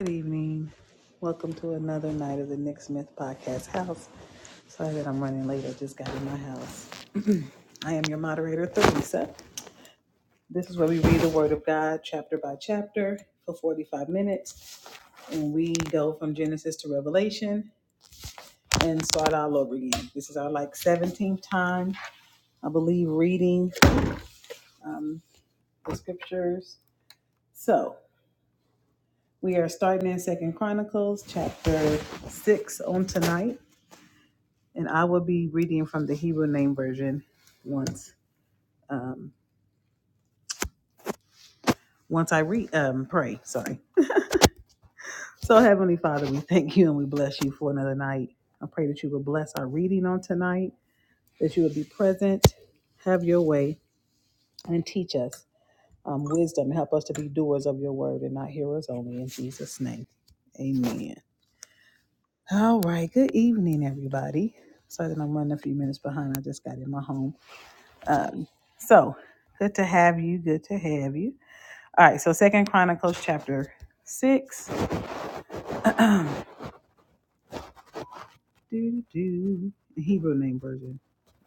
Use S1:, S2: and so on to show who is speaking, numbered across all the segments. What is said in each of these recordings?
S1: Good evening. Welcome to another night of the Nick Smith Podcast House. Sorry that I'm running late. I just got in my house. I am your moderator, Theresa. This is where we read the Word of God chapter by chapter for 45 minutes, and we go from Genesis to Revelation and start all over again. This is our like 17th time, I believe, reading um, the scriptures. So we are starting in Second Chronicles chapter six on tonight and I will be reading from the Hebrew Name Version once um, once I read um, pray. Sorry. So Heavenly Father, we thank you and we bless you for another night. I pray that you will bless our reading on tonight, that you will be present, have your way, and teach us um, wisdom. Help us to be doers of your word and not hearers only. In Jesus' name, Amen. All right. Good evening, everybody. Sorry that I'm running a few minutes behind. I just got in my home. Um, so good to have you. Good to have you. All right, so Second Chronicles chapter six, do, do, the Hebrew name version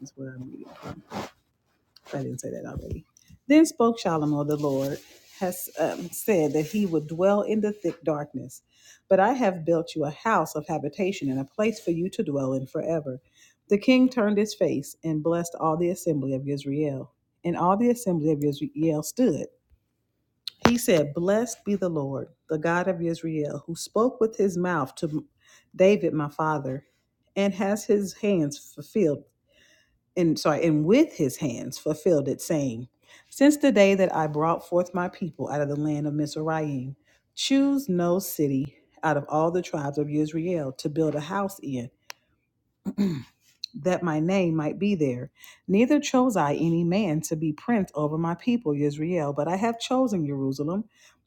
S1: is what I'm reading. I didn't say that already. Then spoke Shalomo, the Lord has um, said that he would dwell in the thick darkness, but I have built you a house of habitation and a place for you to dwell in forever. The king turned his face and blessed all the assembly of Israel, and all the assembly of Israel stood. He said, Blessed be the Lord, the God of Israel, who spoke with his mouth to David, my father, and has his hands fulfilled, and sorry, and with his hands fulfilled it, saying, Since the day that I brought forth my people out of the land of Mizraim, choose no city out of all the tribes of Israel to build a house in that my name might be there. Neither chose I any man to be prince over my people Israel, but I have chosen Jerusalem,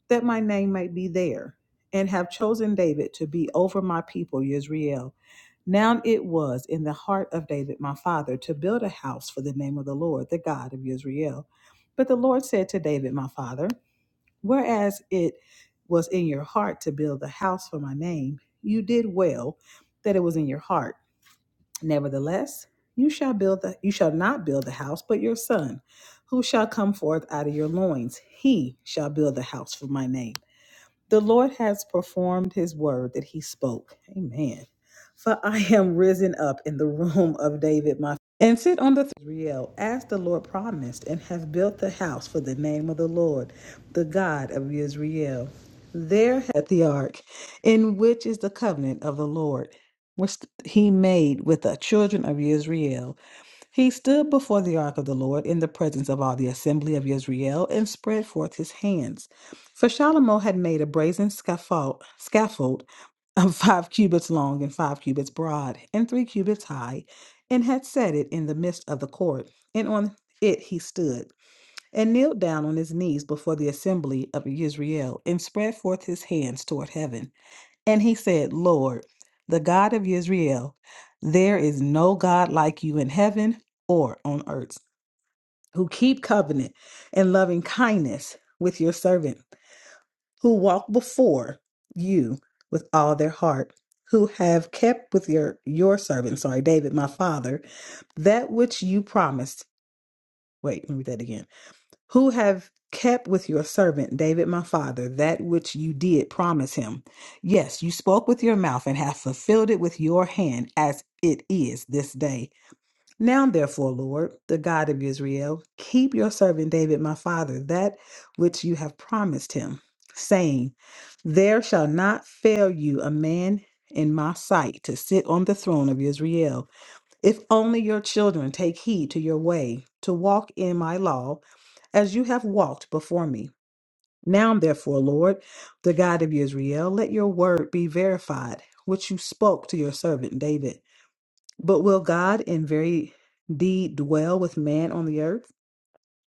S1: that my name might be there, and have chosen David to be over my people Israel. Now it was in the heart of David my father to build a house for the name of the Lord, the God of Israel. But the Lord said to David my father, Whereas it was in your heart to build a house for my name, you did well that it was in your heart. Nevertheless, you shall build the, you shall not build the house, but your son, who shall come forth out of your loins, he shall build the house for my name. The Lord has performed his word that he spoke. Amen. For I am risen up in the room of David, my and sit on the throne of Israel, as the Lord promised, and have built the house for the name of the Lord, the God of Israel. There hath the ark, in which is the covenant of the Lord, which he made with the children of Israel he stood before the ark of the Lord in the presence of all the assembly of Israel and spread forth his hands. For Shalomo had made a brazen scaffold, scaffold of five cubits long and five cubits broad and three cubits high, and had set it in the midst of the court. And on it he stood and kneeled down on his knees before the assembly of Israel and spread forth his hands toward heaven. And he said, Lord, the God of Israel, there is no God like you in heaven or on earth who keep covenant and loving kindness with your servant, who walk before you with all their heart, who have kept with your your servant, sorry, David, my father, that which you promised. Wait, let me read that again who have kept with your servant David my father that which you did promise him. Yes, you spoke with your mouth and have fulfilled it with your hand as it is this day. Now, therefore, Lord, the God of Israel, keep your servant David my father that which you have promised him, saying, There shall not fail you a man in my sight to sit on the throne of Israel. If only your children take heed to your way, to walk in my law, as you have walked before me. Now, therefore, Lord, the God of Israel, let your word be verified, which you spoke to your servant David. But will God in very deed dwell with man on the earth?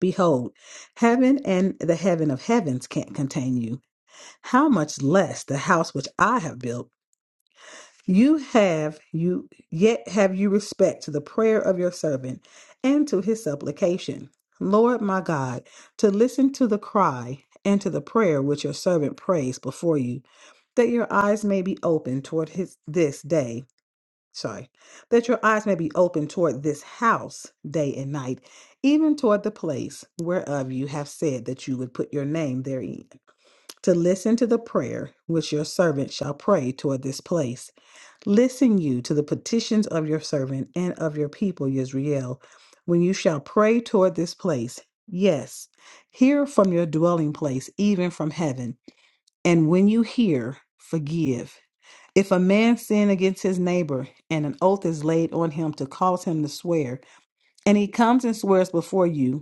S1: Behold, heaven and the heaven of heavens can't contain you. How much less the house which I have built? You have you yet have you respect to the prayer of your servant and to his supplication. Lord my God, to listen to the cry and to the prayer which your servant prays before you, that your eyes may be open toward his this day. Sorry, that your eyes may be open toward this house day and night, even toward the place whereof you have said that you would put your name therein, to listen to the prayer which your servant shall pray toward this place Listen you to the petitions of your servant and of your people, Yisrael, when you shall pray toward this place. Yes, hear from your dwelling place, even from heaven. And when you hear, forgive. If a man sin against his neighbor, and an oath is laid on him to cause him to swear, and he comes and swears before you,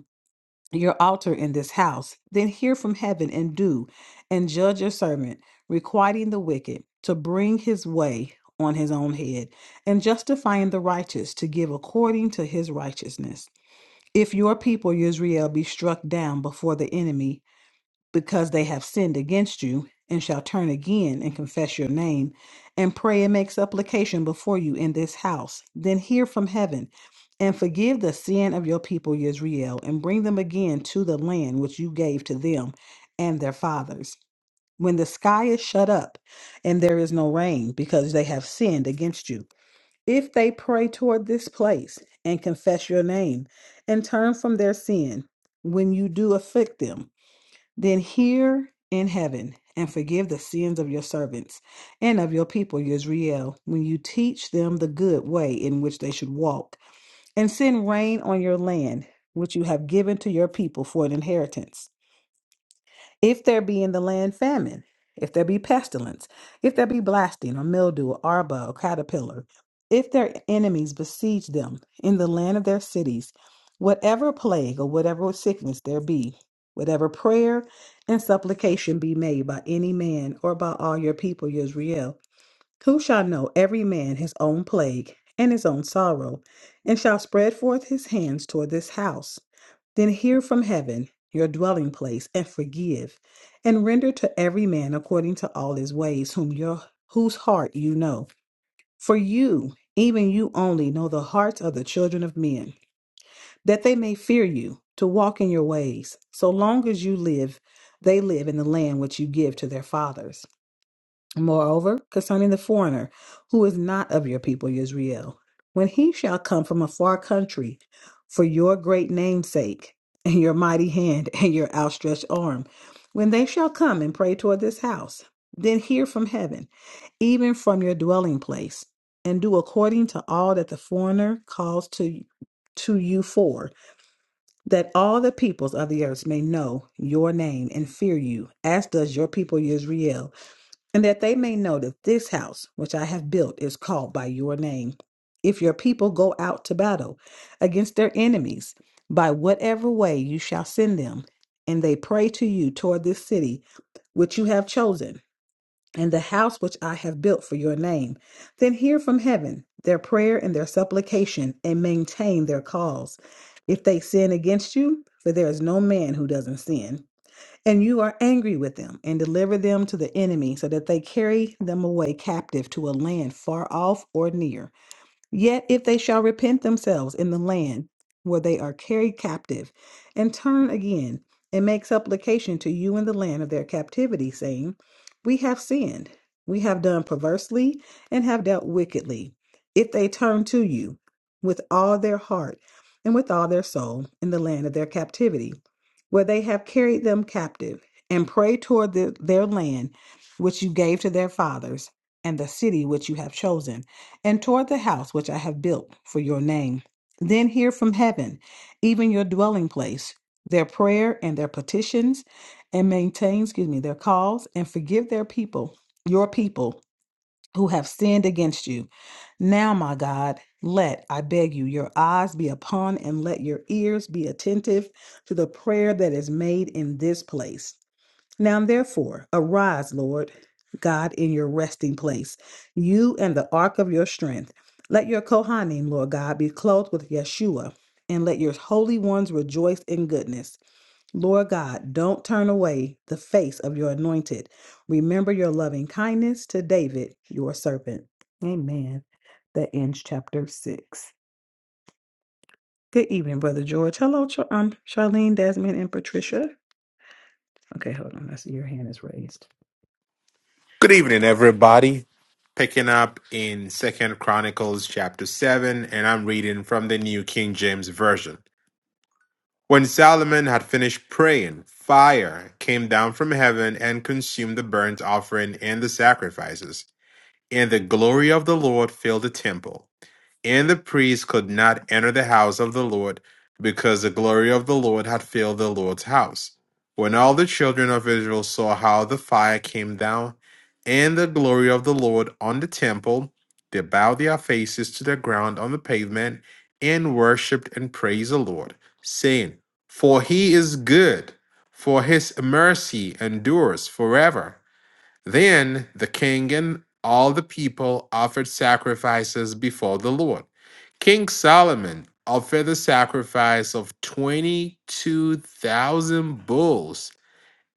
S1: your altar in this house, then hear from heaven and do, and judge your servant, requiting the wicked to bring his way on his own head, and justifying the righteous to give according to his righteousness. If your people, Israel, be struck down before the enemy, because they have sinned against you, and shall turn again and confess your name, and pray and make supplication before you in this house, then hear from heaven, and forgive the sin of your people Israel, and bring them again to the land which you gave to them and their fathers. When the sky is shut up and there is no rain, because they have sinned against you. If they pray toward this place and confess your name and turn from their sin, when you do afflict them, then hear in heaven and forgive the sins of your servants and of your people, Israel, when you teach them the good way in which they should walk, and send rain on your land, which you have given to your people for an inheritance. If there be in the land famine, if there be pestilence, if there be blasting or mildew or arba or caterpillar, if their enemies besiege them in the land of their cities, whatever plague or whatever sickness there be, whatever prayer and supplication be made by any man or by all your people, Israel, who shall know every man his own plague and his own sorrow, and shall spread forth his hands toward this house? Then hear from heaven your dwelling place, and forgive, and render to every man according to all his ways, whom your whose heart you know. For you, even you only, know the hearts of the children of men, that they may fear you to walk in your ways, so long as you live, they live in the land which you give to their fathers. Moreover, concerning the foreigner who is not of your people Israel, when he shall come from a far country for your great name's sake, and your mighty hand and your outstretched arm, when they shall come and pray toward this house, then hear from heaven, even from your dwelling place, and do according to all that the foreigner calls to to you for, that all the peoples of the earth may know your name and fear you, as does your people Israel and that they may know that this house which I have built is called by your name. If your people go out to battle against their enemies by whatever way you shall send them, and they pray to you toward this city which you have chosen, and the house which I have built for your name, then hear from heaven their prayer and their supplication, and maintain their cause. If they sin against you, for there is no man who doesn't sin and you are angry with them and deliver them to the enemy so that they carry them away captive to a land far off or near. Yet if they shall repent themselves in the land where they are carried captive, and turn again, and make supplication to you in the land of their captivity, saying, We have sinned, we have done perversely, and have dealt wickedly. If they turn to you with all their heart and with all their soul in the land of their captivity, where they have carried them captive, and pray toward the- their land which you gave to their fathers, and the city which you have chosen and toward the house which I have built for your name. Then hear from heaven, even your dwelling place, their prayer and their petitions, and maintain, excuse me, their cause, and forgive their people, your people who have sinned against you. Now, my God, let, I beg you, your eyes be upon and let your ears be attentive to the prayer that is made in this place now, therefore, arise, Lord God, in your resting place, you and the ark of your strength. Let your Kohanim, Lord God, be clothed with Yeshua, and let your holy ones rejoice in goodness. Lord God, don't turn away the face of your anointed. Remember your loving kindness to David, your servant. Amen. That ends chapter six. Good evening, Brother George. Hello, Char- um, Charlene, Desmond, and Patricia. Okay, hold on. I see your hand is raised.
S2: Good evening, everybody. Picking up in Second Chronicles chapter seven, and I'm reading from the New King James Version. When Solomon had finished praying, fire came down from heaven and consumed the burnt offering and the sacrifices, and the glory of the Lord filled the temple. And the priest could not enter the house of the Lord, because the glory of the Lord had filled the Lord's house. When all the children of Israel saw how the fire came down, and the glory of the Lord on the temple, they bowed their faces to the ground on the pavement, and worshipped and praised the Lord, saying, For he is good, for his mercy endures forever. Then the king and all the people offered sacrifices before the Lord. King Solomon offered the sacrifice of 22,000 bulls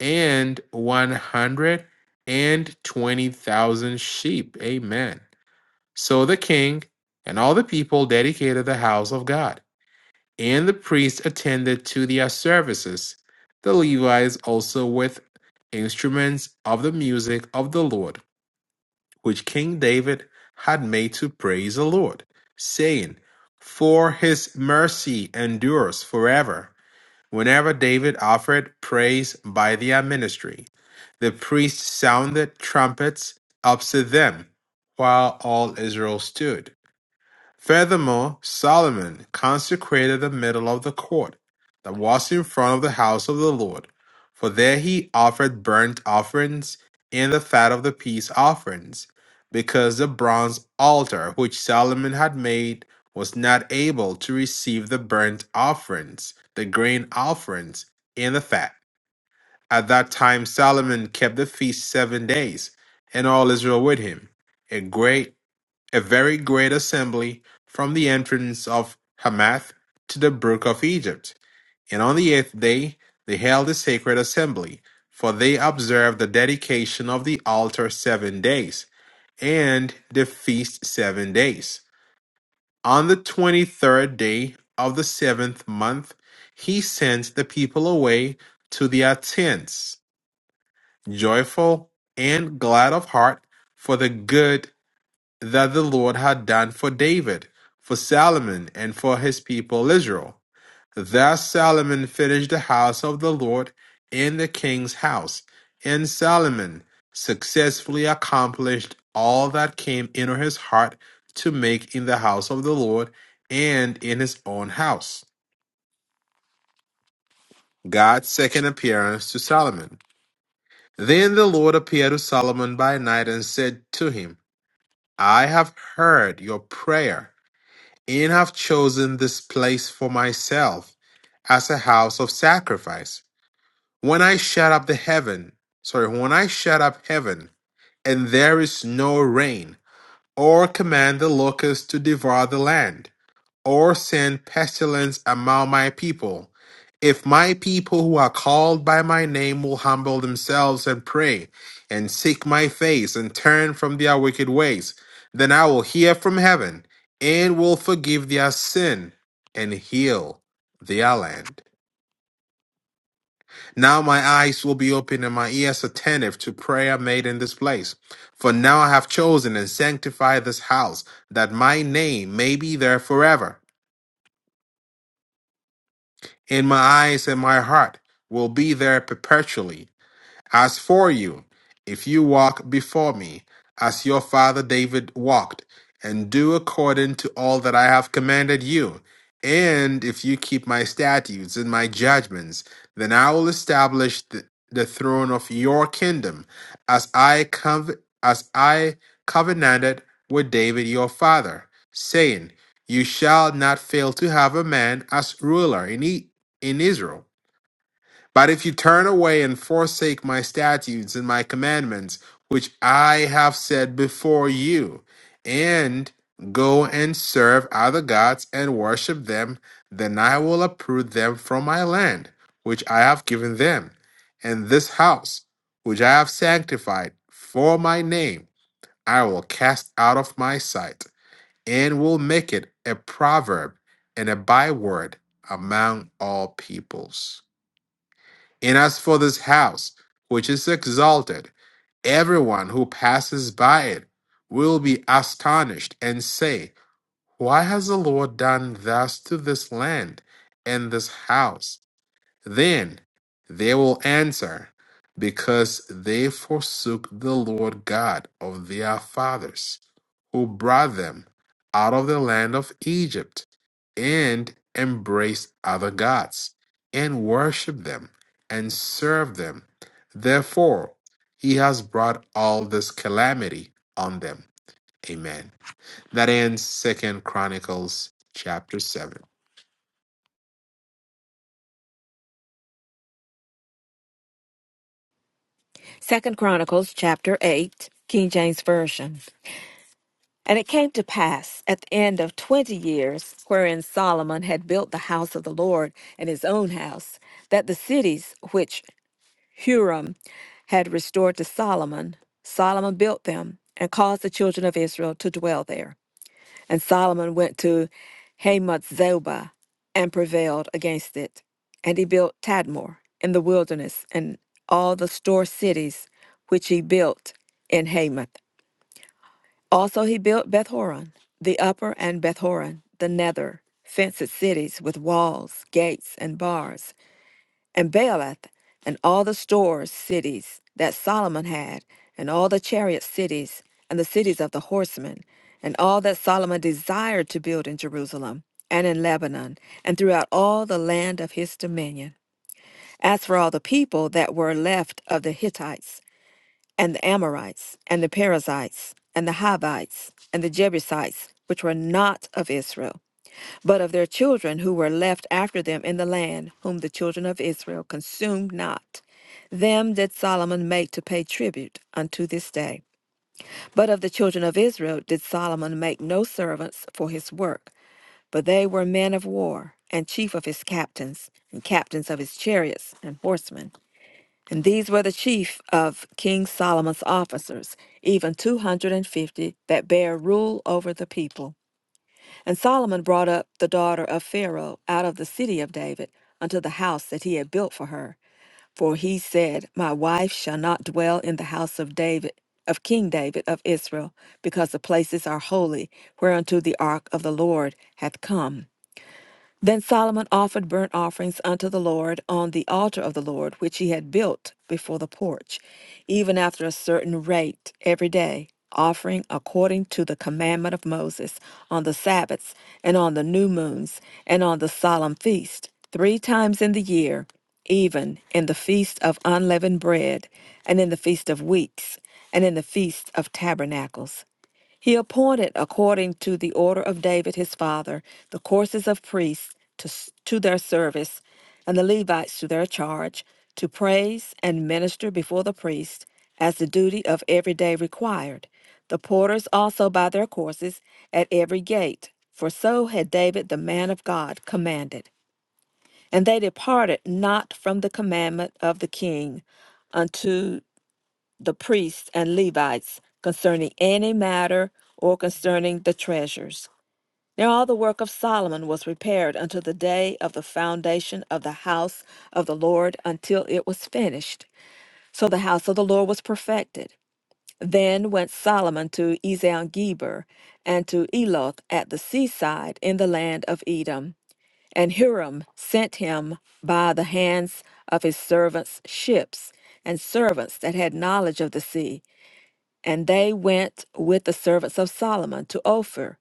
S2: and 120,000 sheep. Amen. So the king and all the people dedicated the house of God, and the priests attended to their services. The Levites also with instruments of the music of the Lord which King David had made to praise the Lord, saying, For his mercy endures forever. Whenever David offered praise by their ministry, the priests sounded trumpets up to them while all Israel stood. Furthermore, Solomon consecrated the middle of the court that was in front of the house of the Lord, for there he offered burnt offerings and the fat of the peace offerings, because the bronze altar which Solomon had made was not able to receive the burnt offerings, the grain offerings, and the fat. At that time, Solomon kept the feast seven days, and all Israel with him. A great a very great assembly from the entrance of Hamath to the brook of Egypt. And on the eighth day they held a sacred assembly, for they observed the dedication of the altar seven days, and the feast seven days. On the twenty third day of the seventh month, he sent the people away to their tents, joyful and glad of heart, for the good that the Lord had done for David, for Solomon, and for his people Israel. Thus Solomon finished the house of the Lord in the king's house, and Solomon successfully accomplished all that came into his heart to make in the house of the Lord and in his own house. God's second appearance to Solomon. Then the Lord appeared to Solomon by night and said to him, I have heard your prayer and have chosen this place for myself as a house of sacrifice. When I shut up the heaven, sorry, when I shut up heaven, and there is no rain, or command the locusts to devour the land, or send pestilence among my people. If my people who are called by my name will humble themselves and pray, and seek my face, and turn from their wicked ways, then I will hear from heaven, and will forgive their sin, and heal their land. Now my eyes will be open, and my ears attentive to prayer made in this place. For now I have chosen and sanctified this house, that my name may be there forever. in my eyes and my heart will be there perpetually as for you, if you walk before me, as your father David walked, and do according to all that I have commanded you, and if you keep my statutes and my judgments, then I will establish the, the throne of your kingdom, as I cov- as I covenanted with David your father, saying, You shall not fail to have a man as ruler in, e- in Israel. But if you turn away and forsake my statutes and my commandments, which I have said before you, and go and serve other gods and worship them, then I will uproot them from my land, which I have given them, and this house, which I have sanctified for my name, I will cast out of my sight, and will make it a proverb and a byword among all peoples. And as for this house, which is exalted, everyone who passes by it will be astonished and say, Why has the Lord done thus to this land and this house? Then they will answer, Because they forsook the Lord God of their fathers who brought them out of the land of Egypt, and embraced other gods, and worshiped them, and served them. Therefore, he has brought all this calamity on them. Amen. That ends Second Chronicles chapter seven.
S3: Second Chronicles chapter 8, King James Version. And it came to pass at the end of twenty years, wherein Solomon had built the house of the Lord and his own house, that the cities which Huram had restored to Solomon, Solomon built them and caused the children of Israel to dwell there. And Solomon went to Hamath Zobah and prevailed against it. And he built Tadmor in the wilderness and all the store cities which he built in Hamath. Also he built Beth Horon, the upper and Beth Horon, the nether, fenced cities with walls, gates, and bars and Baalath, and all the store cities that Solomon had, and all the chariot cities, and the cities of the horsemen, and all that Solomon desired to build in Jerusalem, and in Lebanon, and throughout all the land of his dominion. As for all the people that were left of the Hittites, and the Amorites, and the Perizzites, and the Hivites, and the Jebusites, which were not of Israel, but of their children who were left after them in the land, whom the children of Israel consumed not. Them did Solomon make to pay tribute unto this day. But of the children of Israel did Solomon make no servants for his work, but they were men of war, and chief of his captains, and captains of his chariots, and horsemen. And these were the chief of King Solomon's officers, even two hundred and fifty that bare rule over the people. And Solomon brought up the daughter of Pharaoh out of the city of David unto the house that he had built for her. For he said, My wife shall not dwell in the house of David, of King David of Israel, because the places are holy, whereunto the ark of the Lord hath come. Then Solomon offered burnt offerings unto the Lord on the altar of the Lord, which he had built before the porch, even after a certain rate every day, offering according to the commandment of Moses on the Sabbaths, and on the new moons, and on the solemn feast, three times in the year, even in the feast of unleavened bread, and in the feast of weeks, and in the feast of tabernacles. He appointed, according to the order of David his father, the courses of priests to, to their service, and the Levites to their charge, to praise and minister before the priests, as the duty of every day required. The porters also by their courses at every gate, for so had David the man of God commanded. And they departed not from the commandment of the king unto the priests and Levites concerning any matter or concerning the treasures. Now all the work of Solomon was repaired unto the day of the foundation of the house of the Lord until it was finished. So the house of the Lord was perfected. Then went Solomon to Ezion Geber and to Eloth at the seaside in the land of Edom. And Hiram sent him by the hands of his servants ships and servants that had knowledge of the sea and they went with the servants of Solomon to Ophir,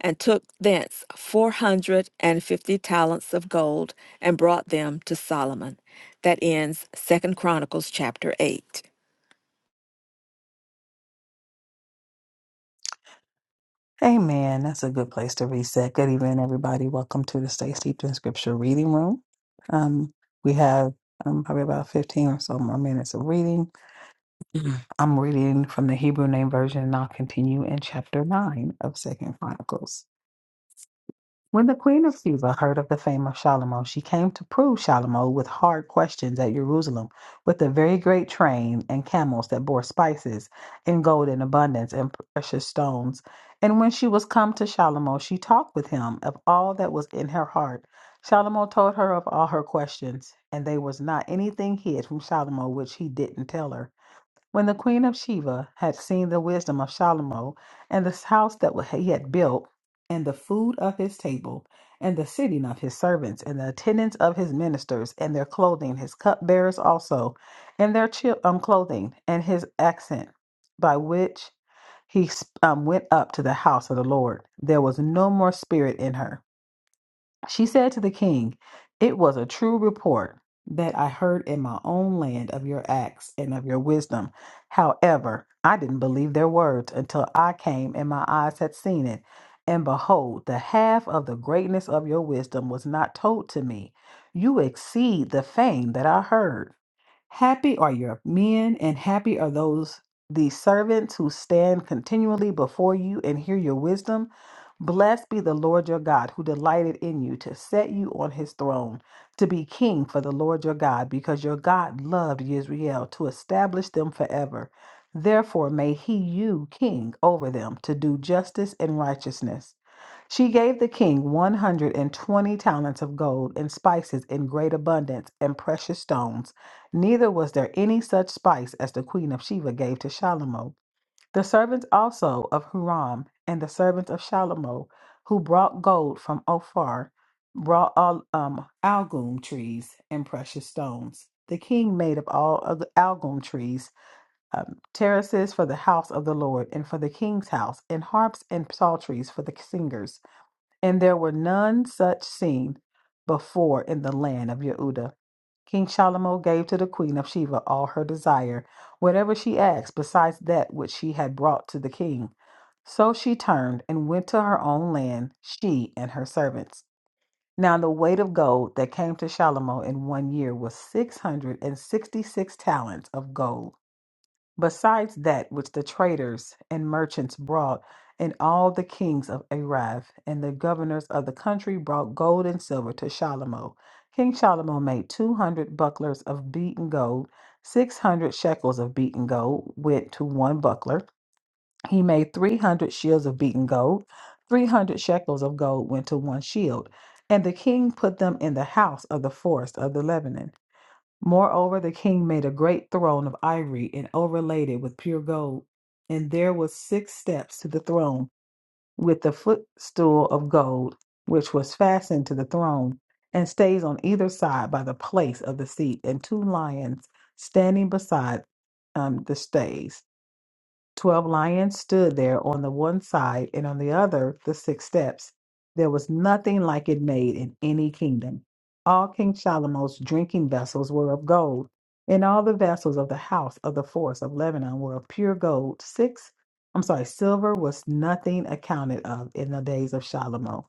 S3: and took thence four hundred and fifty talents of gold, and brought them to Solomon. That ends Second Chronicles chapter eight.
S1: Amen. That's a good place to reset. Good evening, everybody. Welcome to the Stay Steeped in Scripture reading room. Um, we have um, probably about 15 or so more minutes of reading. Mhm. I'm reading from the Hebrew Name Version, and I'll continue in chapter 9 of Second Chronicles. When the queen of Sheba heard of the fame of Shalomo, she came to prove Shalomo with hard questions at Jerusalem, with a very great train and camels that bore spices and gold in abundance and precious stones. And when she was come to Shalomo, she talked with him of all that was in her heart. Shalomo told her of all her questions, and there was not anything hid from Shalomo which he didn't tell her. When the queen of Sheba had seen the wisdom of Shalomo, and the house that he had built, and the food of his table, and the sitting of his servants, and the attendance of his ministers, and their clothing, his cupbearers also, and their chil- um, clothing, and his accent, by which he um, went up to the house of the Lord, there was no more spirit in her. She said to the king, It was a true report that I heard in my own land of your acts and of your wisdom. However, I didn't believe their words until I came and my eyes had seen it. And behold, the half of the greatness of your wisdom was not told to me. You exceed the fame that I heard. Happy are your men, and happy are those the servants who stand continually before you and hear your wisdom. Blessed be the Lord your God, who delighted in you to set you on his throne, to be king for the Lord your God, because your God loved Israel to establish them forever. Therefore, may he you king over them to do justice and righteousness she gave the king 120 talents of gold and spices in great abundance and precious stones. Neither was there any such spice as the queen of Sheba gave to Shalomo. The servants also of Huram and the servants of Shalomo, who brought gold from Ophir, brought all um, algum trees and precious stones. The king made of all of the algum trees um, terraces for the house of the Lord and for the king's house, and harps and psalteries for the singers and there were none such seen before in the land of Yehuda. King Shalomo gave to the queen of Sheba all her desire, whatever she asked, besides that which she had brought to the king. So she turned and went to her own land, she and her servants. Now the weight of gold that came to Shalomo in one year was six hundred and sixty-six talents of gold besides that which the traders and merchants brought, and all the kings of Arav and the governors of the country brought gold and silver to Shalomo. King Shalomo made two hundred bucklers of beaten gold, six hundred shekels of beaten gold went to one buckler. He made three hundred shields of beaten gold, three hundred shekels of gold went to one shield. And the king put them in the house of the forest of the Lebanon. Moreover, the king made a great throne of ivory and overlaid it with pure gold. And there were six steps to the throne with the footstool of gold, which was fastened to the throne, and stays on either side by the place of the seat, and two lions standing beside um, the stays. Twelve lions stood there on the one side, and on the other the six steps. There was nothing like it made in any kingdom. All King Solomon's drinking vessels were of gold, and all the vessels of the house of the forest of Lebanon were of pure gold. Six, I'm sorry, silver was nothing accounted of in the days of Solomon.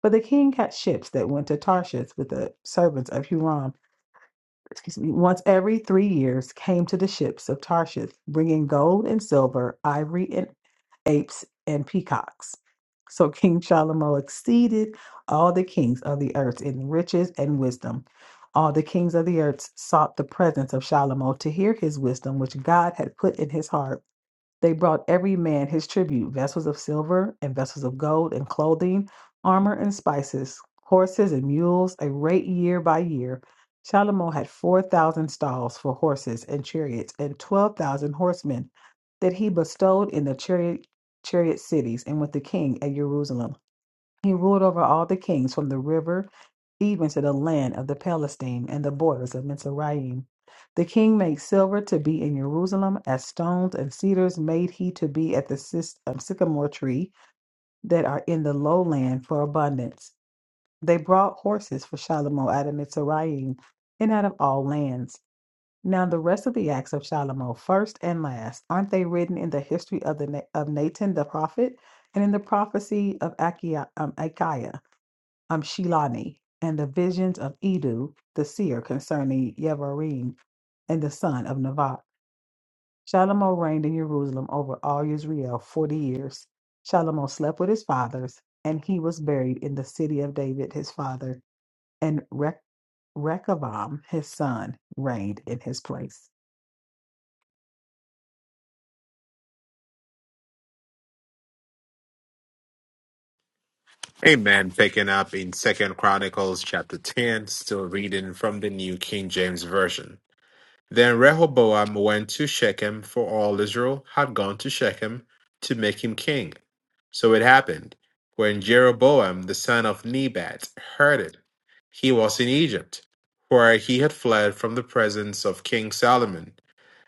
S1: But the king had ships that went to Tarshish with the servants of Huram excuse me, once every three years came to the ships of Tarshish, bringing gold and silver, ivory and apes and peacocks. So King Shalomo exceeded all the kings of the earth in riches and wisdom. All the kings of the earth sought the presence of Shalomo to hear his wisdom, which God had put in his heart. They brought every man his tribute vessels of silver and vessels of gold and clothing, armor and spices, horses and mules, a rate year by year. Shalomo had 4,000 stalls for horses and chariots and 12,000 horsemen that he bestowed in the chariot, chariot cities and with the king at Jerusalem. He ruled over all the kings from the river even to the land of the Palestine and the borders of Mizraim. The king made silver to be in Jerusalem, as stones and cedars made he to be at the sys- um, sycamore tree that are in the lowland for abundance. They brought horses for Shalomo out of Mizraim and out of all lands. Now the rest of the acts of Shalomo, first and last, aren't they written in the history of the Na- of Nathan the prophet and in the prophecy of Achiah, um, Achiah? um, Shilani and the visions of Edu, the seer, concerning Yevarim and the son of Nevat. Shalomo reigned in Jerusalem over all Israel forty years. Shalomo slept with his fathers, and he was buried in the city of David, his father, and Rech- Rechavam, his son, reigned in his place.
S2: Amen. Picking up in Second Chronicles chapter ten, still reading from the New King James Version. Then Rehoboam went to Shechem, for all Israel had gone to Shechem to make him king. So it happened, when Jeroboam the son of Nebat heard it, he was in Egypt, where he had fled from the presence of King Solomon,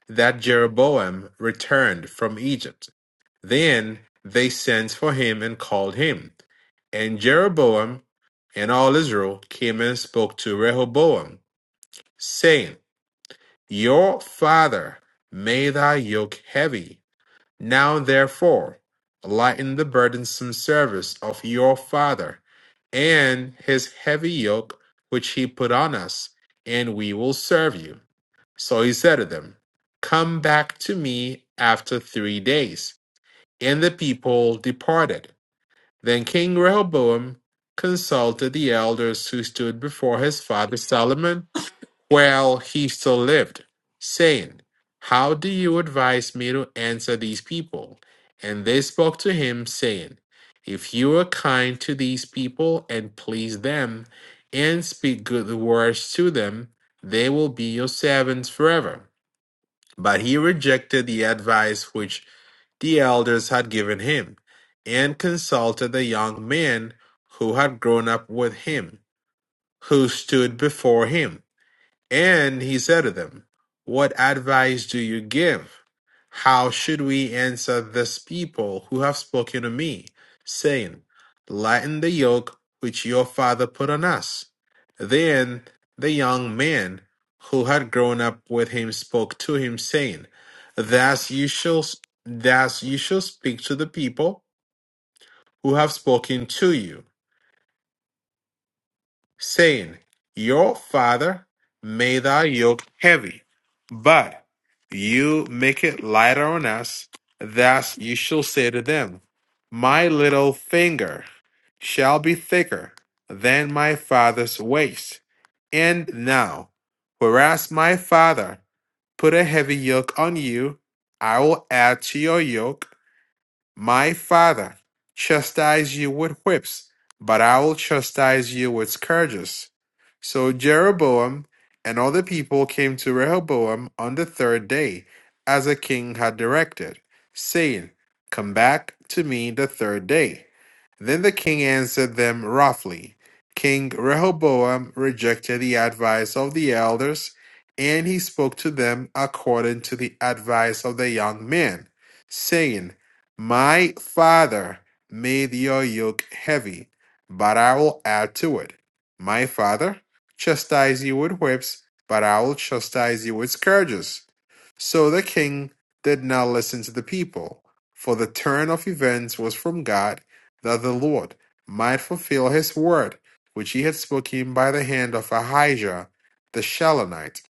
S2: that Jeroboam returned from Egypt. Then they sent for him and called him. And Jeroboam and all Israel came and spoke to Rehoboam, saying, your father made thy yoke heavy. Now therefore, lighten the burdensome service of your father and his heavy yoke which he put on us, and we will serve you. So he said to them, Come back to me after three days. And the people departed. Then King Rehoboam consulted the elders who stood before his father Solomon while he still lived, saying, How do you advise me to answer these people? And they spoke to him, saying, If you are kind to these people and please them, and speak good words to them, they will be your servants forever. But he rejected the advice which the elders had given him, and consulted the young man who had grown up with him, who stood before him and he said to them, What advice do you give? How should we answer this people who have spoken to me, saying, 'Lighten the yoke which your father put on us? Then the young man who had grown up with him spoke to him, saying, Thus you shall, thus you shall speak to the people who have spoken to you. saying, Your father made thy yoke heavy, but you make it lighter on us. Thus you shall say to them, My little finger shall be thicker than my father's waist. And now, whereas my father put a heavy yoke on you, I will add to your yoke my father chastised you with whips, but I will chastise you with scourges. So Jeroboam and all the people came to Rehoboam on the third day, as the king had directed, saying, Come back to me the third day. Then the king answered them roughly. King Rehoboam rejected the advice of the elders, and he spoke to them according to the advice of the young men, saying, My father made your yoke heavy, but I will add to it. My father chastised you with whips, but I will chastise you with scourges. So the king did not listen to the people, for the turn of events was from God that the Lord might fulfill his word, which he had spoken by the hand of Ahijah the Shilonite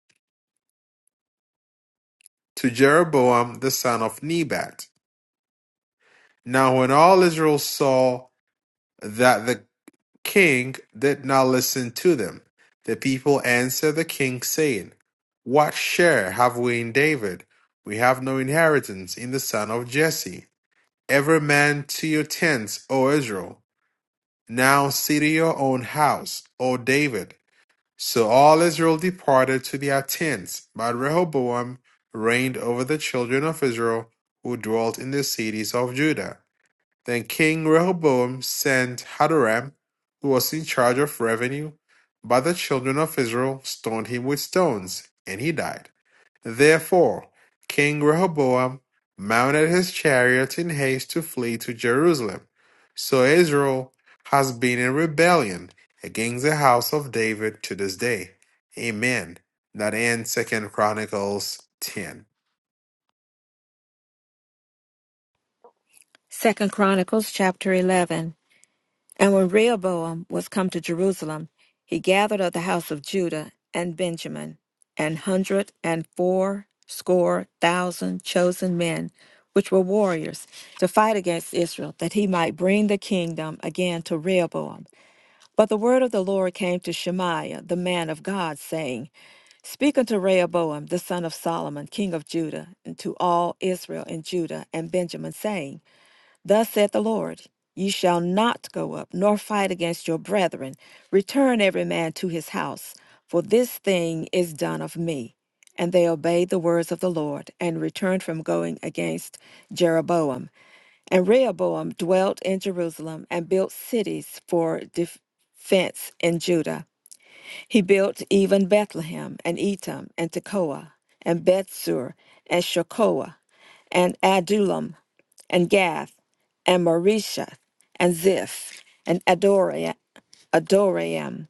S2: to Jeroboam the son of Nebat. Now, when all Israel saw that the king did not listen to them, the people answered the king, saying, What share have we in David? We have no inheritance in the son of Jesse. Every man to your tents, O Israel. Now see to your own house, O David So all Israel departed to their tents, but Rehoboam reigned over the children of Israel who dwelt in the cities of Judah. Then King Rehoboam sent Hadoram, who was in charge of revenue, but the children of Israel stoned him with stones, and he died. Therefore, King Rehoboam mounted his chariot in haste to flee to Jerusalem. So Israel has been in rebellion against the house of David to this day. Amen. That ends Second Chronicles 10.
S3: Second Chronicles chapter eleven. And when Rehoboam was come to Jerusalem, he gathered of the house of Judah and Benjamin an hundred and four score thousand chosen men, which were warriors, to fight against Israel, that he might bring the kingdom again to Rehoboam. But the word of the Lord came to Shemaiah, the man of God, saying, Speak unto Rehoboam, the son of Solomon, king of Judah, and to all Israel and Judah and Benjamin, saying, Thus saith the Lord, Ye shall not go up, nor fight against your brethren. Return every man to his house, for this thing is done of me. And they obeyed the words of the Lord, and returned from going against Jeroboam. And Rehoboam dwelt in Jerusalem, and built cities for defense in Judah. He built even Bethlehem, and Etam, and Tekoa, and Bethsur, and Shokoa, and Adullam, and Gath, and Marisha, and Ziph, and Adoram, Adoram,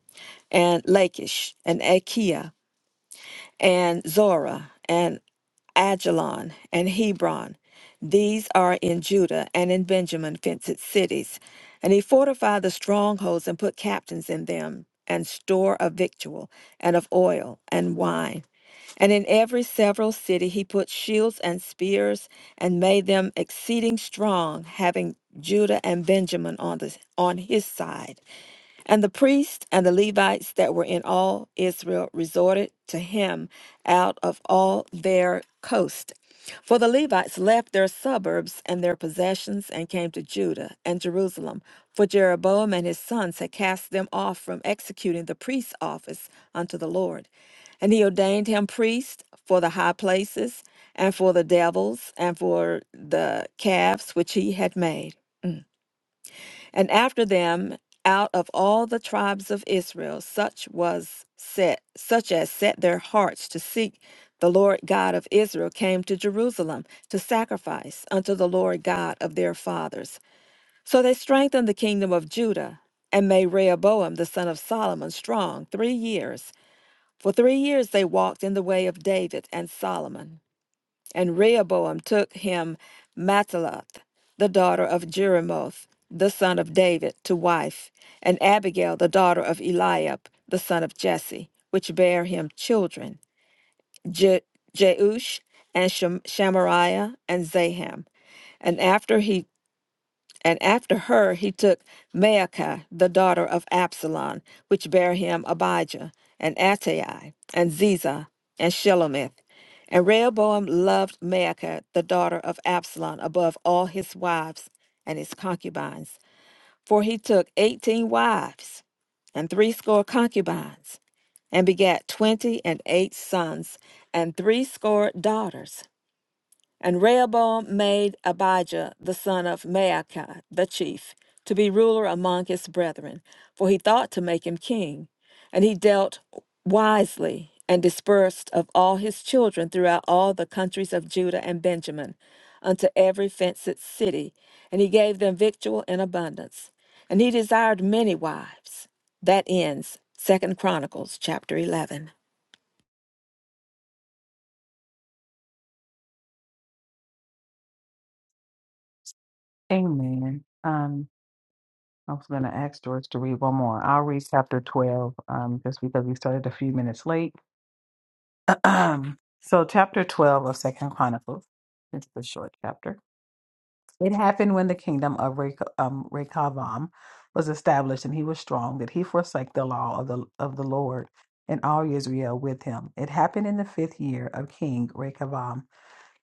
S3: and Lachish, and Achaia, and Zorah, and Ajalon, and Hebron. These are in Judah and in Benjamin fenced cities. And he fortified the strongholds and put captains in them, and store of victual, and of oil, and wine. And in every several city he put shields and spears and made them exceeding strong, having Judah and Benjamin on the on his side. And the priests and the Levites that were in all Israel resorted to him out of all their coast. For the Levites left their suburbs and their possessions and came to Judah and Jerusalem. For Jeroboam and his sons had cast them off from executing the priest's office unto the Lord. And he ordained him priest for the high places and for the devils and for the calves which he had made. And after them, out of all the tribes of Israel, such was set, such as set their hearts to seek the Lord God of Israel, came to Jerusalem to sacrifice unto the Lord God of their fathers. So they strengthened the kingdom of Judah, and made Rehoboam the son of Solomon strong three years. For three years they walked in the way of David and Solomon. And Rehoboam took him Mataloth, the daughter of Jeremoth, the son of David, to wife, and Abigail, the daughter of Eliab, the son of Jesse, which bare him children, Je- Jeush, and Shem- Shamariah, and Zaham. And after he and after her he took Maacah, the daughter of Absalom, which bare him Abijah, and Attai, and Ziza, and Shelomith. And Rehoboam loved Maacah, the daughter of Absalom, above all his wives and his concubines, for he took eighteen wives and threescore concubines, and begat twenty and eight sons and threescore daughters. And Rehoboam made Abijah the son of Maacah the chief to be ruler among his brethren, for he thought to make him king. And he dealt wisely and dispersed of all his children throughout all the countries of Judah and Benjamin unto every fenced city, and he gave them victual in abundance. And he desired many wives. That ends Second Chronicles chapter 11.
S1: Amen. Um, I was going to ask George to read one more. I'll read chapter 12 um, just because we started a few minutes late. Um, so chapter 12 of Second Chronicles, it's the short chapter. It happened when the kingdom of Rek- um, Rechavam was established and he was strong that he forsake the law of the, of the Lord and all Israel with him. It happened in the fifth year of King Rechavam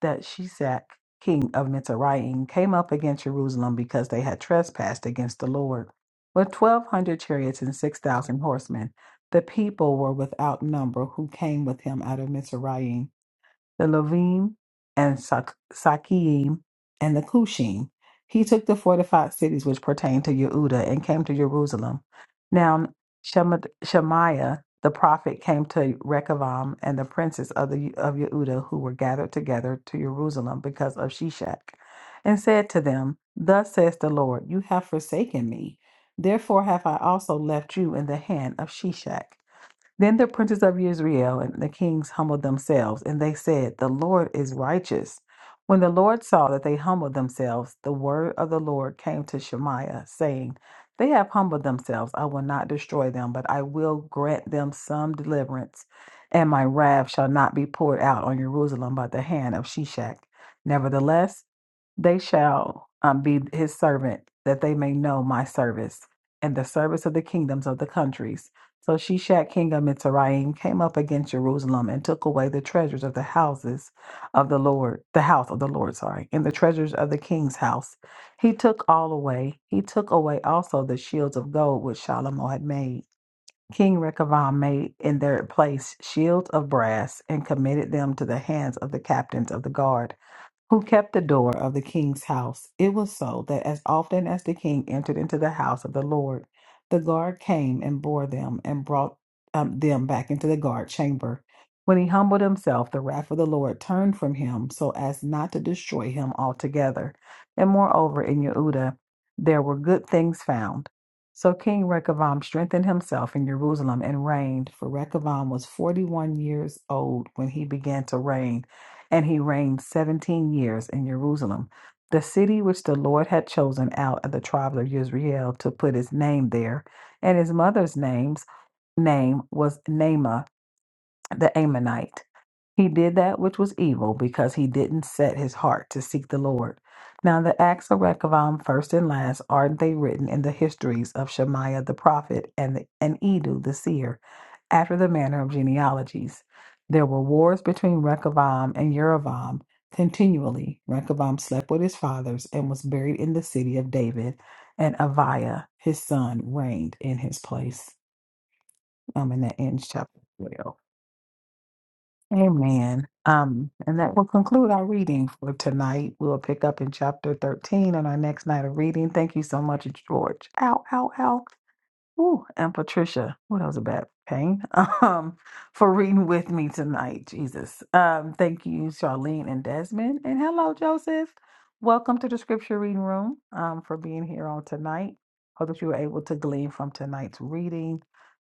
S1: that Shishak, king of Mitzrayim, came up against Jerusalem because they had trespassed against the Lord. With 1,200 chariots and 6,000 horsemen, the people were without number who came with him out of Mitzrayim the Levim and Sak- Sakiim and the Cushim. He took the fortified cities which pertained to Yehuda and came to Jerusalem. Now Shema- Shemaiah the prophet came to Rechavam and the princes of the of Yehuda who were gathered together to Jerusalem because of Shishak, and said to them, Thus says the Lord, you have forsaken me. Therefore have I also left you in the hand of Shishak then the princes of Israel and the kings humbled themselves, and they said, The Lord is righteous. When the Lord saw that they humbled themselves, the word of the Lord came to Shemaiah, saying, They have humbled themselves. I will not destroy them, but I will grant them some deliverance, and my wrath shall not be poured out on Jerusalem by the hand of Shishak. Nevertheless, they shall um, be his servant, that they may know my service and the service of the kingdoms of the countries. So Shishak, king of Mitzrayim, came up against Jerusalem and took away the treasures of the houses of the Lord, the house of the Lord, sorry, and the treasures of the king's house. He took all away. He took away also the shields of gold which Shalomo had made. King Rechavam made in their place shields of brass and committed them to the hands of the captains of the guard who kept the door of the king's house. It was so that as often as the king entered into the house of the Lord, the guard came and bore them and brought um, them back into the guard chamber. When he humbled himself, the wrath of the Lord turned from him so as not to destroy him altogether. And moreover, in Yehuda, there were good things found. So King Rehoboam strengthened himself in Jerusalem and reigned, for Rehoboam was 41 years old when he began to reign and he reigned seventeen years in Jerusalem, the city which the Lord had chosen out of the tribe of Israel to put his name there, and his mother's name's name was Naamah the Ammonite. He did that which was evil because he didn't set his heart to seek the Lord. Now, the acts of Rehoboam, first and last, are they written in the histories of Shemaiah the prophet and, the, and Edu the seer, after the manner of genealogies. There were wars between Rehoboam and Jeroboam continually. Rehoboam slept with his fathers and was buried in the city of David, and Aviah, his son, reigned in his place. Um, and that ends chapter 12. Amen. Um, and that will conclude our reading for tonight. We'll pick up in chapter 13 on our next night of reading. Thank you so much, George. Ow, ow, ow. Ooh, and Patricia. What that was a bad pain. Um, for reading with me tonight. Jesus. Um, thank you, Charlene and Desmond. And hello, Joseph. Welcome to the scripture reading room. Um, for being here on tonight. Hope that you were able to glean from tonight's reading.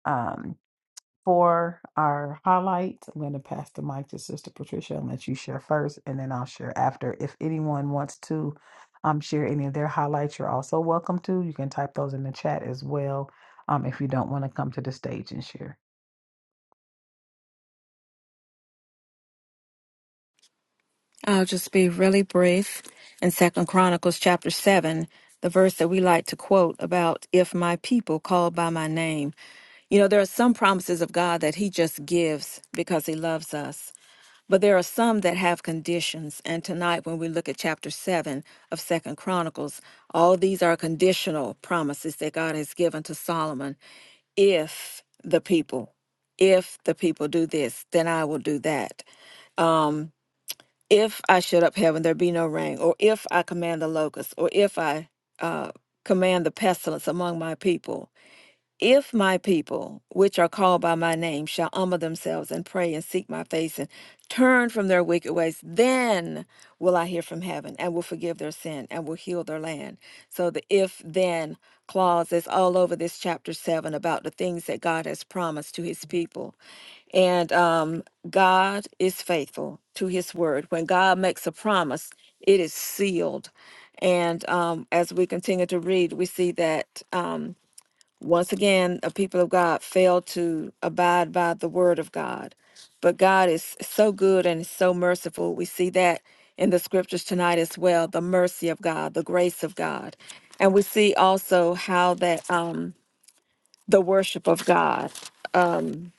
S1: Um for our highlights. I'm going to pass the mic to Sister Patricia and let you share first, and then I'll share after. If anyone wants to um, share any of their highlights, you're also welcome to. You can type those in the chat as well um, if you don't want to come to the stage and share.
S3: I'll just be really brief. In Second Chronicles chapter seven, the verse that we like to quote about if my people called by my name. You know, there are some promises of God that He just gives because He loves us. But there are some that have conditions. And tonight, when we look at chapter 7 of Second Chronicles, all these are conditional promises that God has given to Solomon. If the people, if the people do this, then I will do that. Um, if I shut up heaven, there be no rain, or if I command the locust, or if I uh, command the pestilence among my people, if my people, which are called by my name, shall humble themselves and pray and seek my face and turn from their wicked ways, then will I hear from heaven and will forgive their sin and will heal their land. So the if then clause is all over this chapter 7 about the things that God has promised to his people. And um, God is faithful to his word. When God makes a promise, it is sealed. And um, as we continue to read, we see that. Um, once again, the people of God fail to abide by the word of God. But God is so good and so merciful. We see that in the scriptures tonight as well the mercy of God, the grace of God. And we see also how that um, the worship of God. Um,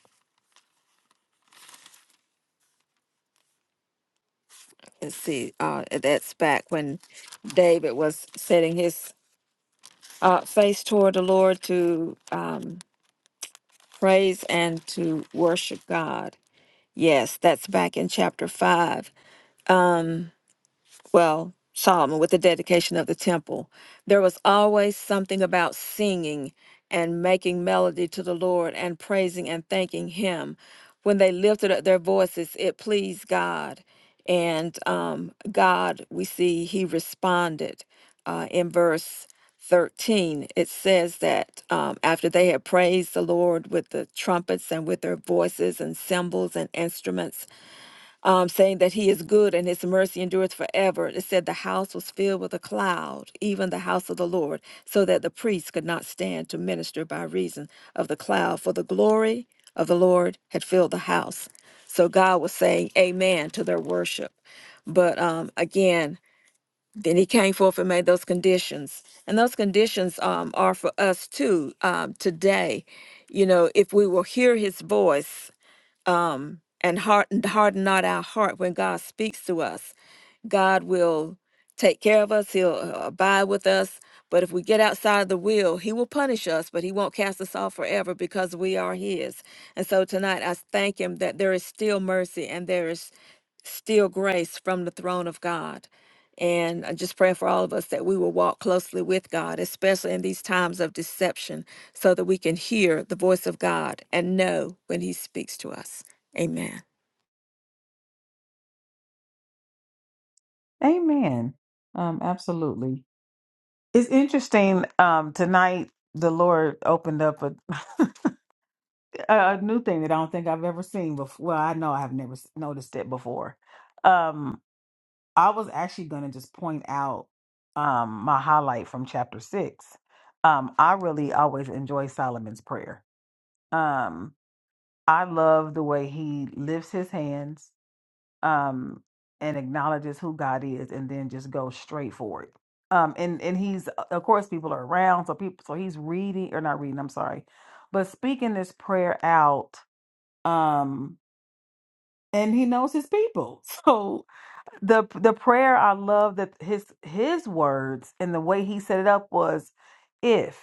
S3: let's see, uh, that's back when David was setting his uh, face toward the Lord to um, praise and to worship God. Yes, that's back in chapter 5 well, Solomon, with the dedication of the temple, there was always something about singing and making melody to the Lord and praising and thanking Him. When they lifted up their voices, it pleased God. And um, God, we see He responded uh, in verse 13. It says that um, after they had praised the Lord with the trumpets and with their voices and cymbals and instruments, um, saying that he is good and his mercy endureth forever. It said the house was filled with a cloud, even the house of the Lord, so that the priests could not stand to minister by reason of the cloud, for the glory of the Lord had filled the house. So God was saying amen to their worship. But um, again, then he came forth and made those conditions. And those conditions um, are for us too um, today. You know, if we will hear his voice, um, and harden, harden not our heart when God speaks to us. God will take care of us, He'll uh, abide with us. But if we get outside the will, He will punish us, but He won't cast us off forever because we are His. And so tonight I thank Him that there is still mercy and there is still grace from the throne of God. And I just pray for all of us that we will walk closely with God, especially in these times of deception, so that we can hear the voice of God and know when He speaks to us. Amen.
S1: Amen. Um, absolutely. It's interesting um, tonight. The Lord opened up a, a a new thing that I don't think I've ever seen before. Well, I know I've never s- noticed it before. Um. I was actually going to just point out um, my highlight from chapter six. Um, I really always enjoy Solomon's prayer. Um, I love the way he lifts his hands um, and acknowledges who God is, and then just goes straight for it. Um, and and he's of course people are around, so people so he's reading or not reading. I'm sorry, but speaking this prayer out. Um, and he knows his people, so the the prayer I love that his his words and the way he set it up was if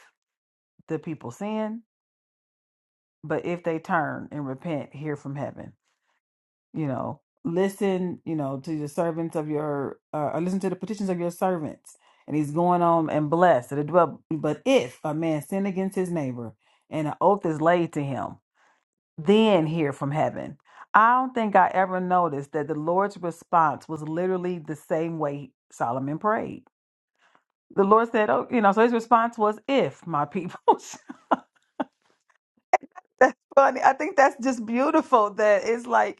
S1: the people sin, but if they turn and repent, hear from heaven. You know, listen, you know, to the servants of your uh, or listen to the petitions of your servants. And he's going on and blessed. that it dwell- But if a man sin against his neighbor and an oath is laid to him, then hear from heaven. I don't think I ever noticed that the Lord's response was literally the same way Solomon prayed the Lord said, "Oh, you know." So his response was, "If my people." that's funny. I think that's just beautiful. That it's like,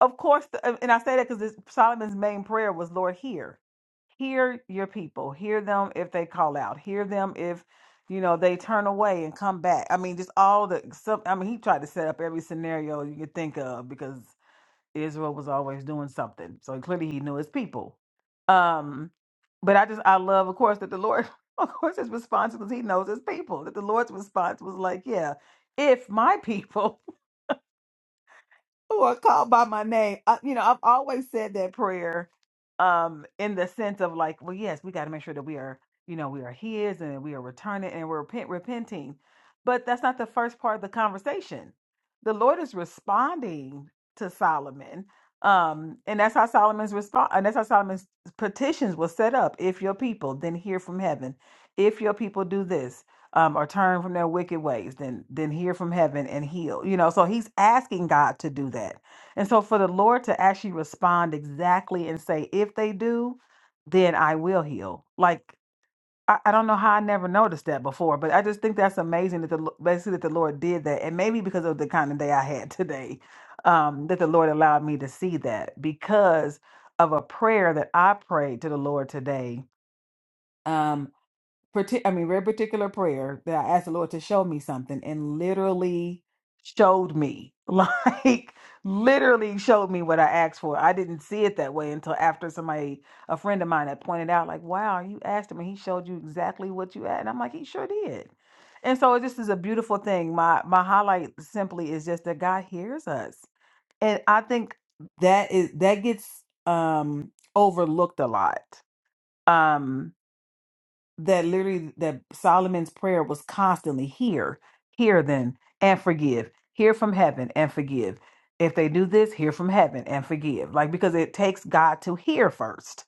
S1: of course, the, and I say that because Solomon's main prayer was, "Lord, hear, hear your people, hear them if they call out, hear them if." You know, they turn away and come back. I mean, just all the stuff. I mean, he tried to set up every scenario you could think of because Israel was always doing something. So clearly he knew his people. Um, but I just I love, of course, that the Lord, of course, his response was he knows his people. That the Lord's response was like, Yeah, if my people who are called by my name. I, you know, I've always said that prayer um in the sense of like, well, yes, we got to make sure that we are, you know, we are his and we are returning and we're repent, repenting. But that's not the first part of the conversation. The Lord is responding to Solomon. Um, and that's how Solomon's response and that's how Solomon's petitions was set up. If your people then hear from heaven, if your people do this, um, or turn from their wicked ways, then then hear from heaven and heal. You know, so he's asking God to do that. And so for the Lord to actually respond exactly and say, if they do, then I will heal. Like I, I don't know how I never noticed that before, but I just think that's amazing that the Lo- basically that the Lord did that. And maybe because of the kind of day I had today, um, that the Lord allowed me to see that because of a prayer that I prayed to the Lord today. um parti- I mean, very particular prayer that I asked the Lord to show me something and literally showed me, like literally showed me what I asked for. I didn't see it that way until after somebody, a friend of mine had pointed out, like, wow, you asked him and he showed you exactly what you asked. And I'm like, he sure did. And so this is a beautiful thing. My my highlight simply is just that God hears us. And I think that is that gets um overlooked a lot. Um that literally that Solomon's prayer was constantly hear, hear then and forgive, hear from heaven and forgive. If they do this, hear from heaven and forgive. Like because it takes God to hear first,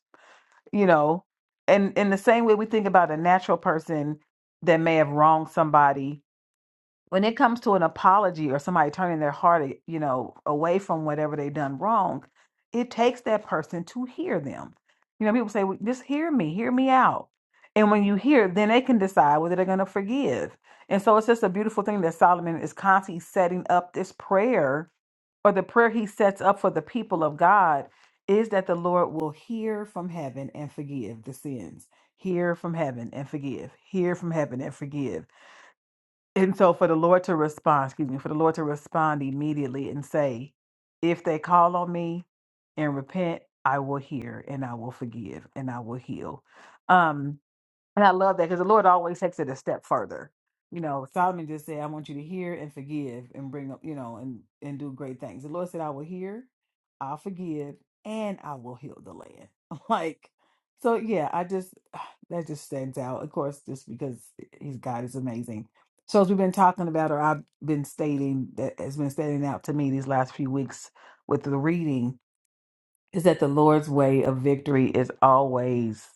S1: you know. And in the same way we think about a natural person that may have wronged somebody when it comes to an apology or somebody turning their heart, you know, away from whatever they've done wrong, it takes that person to hear them. You know, people say, well, just hear me, hear me out. And when you hear, then they can decide whether they're going to forgive. And so it's just a beautiful thing that Solomon is constantly setting up this prayer, or the prayer he sets up for the people of God is that the Lord will hear from heaven and forgive the sins. Hear from heaven and forgive. Hear from heaven and forgive and so for the Lord to respond, excuse me, for the Lord to respond immediately and say, if they call on me and repent, I will hear and I will forgive and I will heal. Um, and I love that because the Lord always takes it a step further. You know, Solomon just said, I want you to hear and forgive and bring up, you know, and, and do great things. The Lord said, I will hear, I'll forgive, and I will heal the land. Like, so yeah, I just, that just stands out. Of course, just because his God is amazing. So as we've been talking about, or I've been stating, that has been standing out to me these last few weeks with the reading, is that the Lord's way of victory is always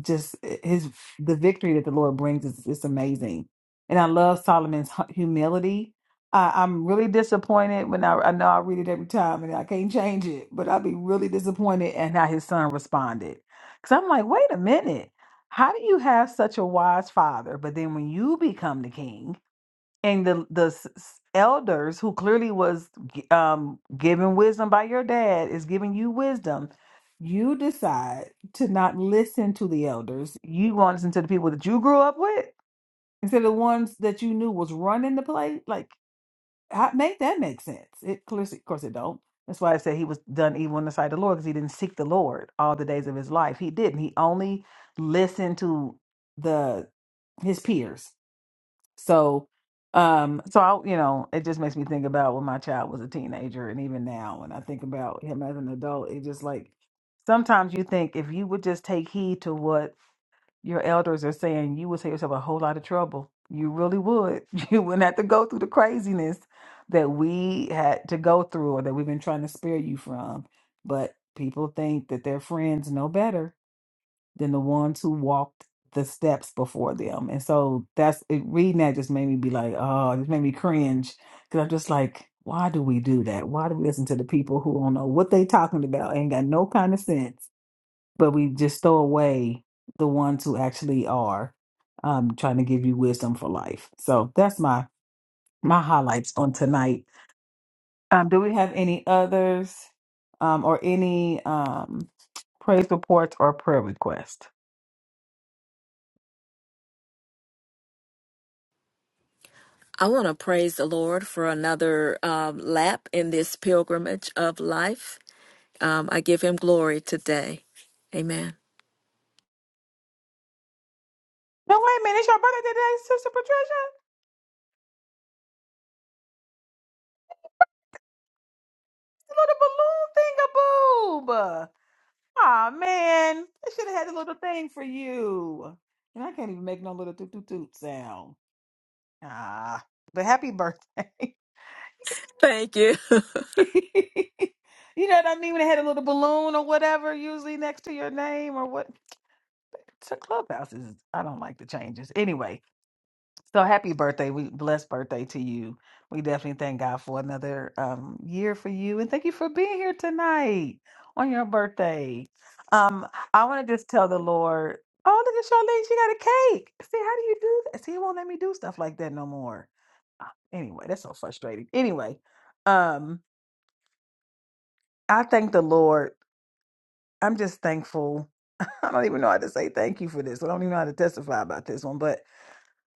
S1: just eh, his the victory that the Lord brings is it's amazing. And I love Solomon's hu- humility. I, I'm really disappointed when I, I know I read it every time and I can't change it, but I'll be really disappointed at how his son responded. Because I'm like, wait a minute. How do you have such a wise father, but then when you become the king? and the the s- s- elders who clearly was g- um given wisdom by your dad is giving you wisdom you decide to not listen to the elders you want to listen to the people that you grew up with instead of the ones that you knew was running the play like how, make that make sense it clearly of course it don't that's why i said he was done evil in the sight of the lord because he didn't seek the lord all the days of his life he didn't he only listened to the his peers so, um, so I, you know, it just makes me think about when my child was a teenager, and even now, when I think about him as an adult, it just like sometimes you think if you would just take heed to what your elders are saying, you would save yourself a whole lot of trouble. You really would. You wouldn't have to go through the craziness that we had to go through, or that we've been trying to spare you from. But people think that their friends know better, than the ones who walked the steps before them. And so that's it, reading that just made me be like, oh, it just made me cringe because I'm just like, why do we do that? Why do we listen to the people who don't know what they talking about, ain't got no kind of sense, but we just throw away the ones who actually are um, trying to give you wisdom for life. So that's my my highlights on tonight. Um, do we have any others um, or any? Um, praise reports, or prayer requests.
S3: I want to praise the Lord for another um, lap in this pilgrimage of life. Um, I give Him glory today. Amen.
S1: No, wait a minute. It's your birthday today, Sister Patricia. The little balloon thing a boob. Aw, man. I should have had a little thing for you. And I can't even make no little toot toot toot sound. Ah, but happy birthday.
S3: Thank you.
S1: you know what I mean? When they had a little balloon or whatever, usually next to your name or what. So Clubhouse is, I don't like the changes. Anyway, So happy birthday. We blessed birthday to you. We definitely thank God for another um year for you and thank you for being here tonight on your birthday. Um I want to just tell the Lord, oh look at Charlene, she got a cake. See, how do you do that? See, he won't let me do stuff like that no more. Ah, Anyway, that's so frustrating. Anyway, um I thank the Lord. I'm just thankful. I don't even know how to say thank you for this. I don't even know how to testify about this one, but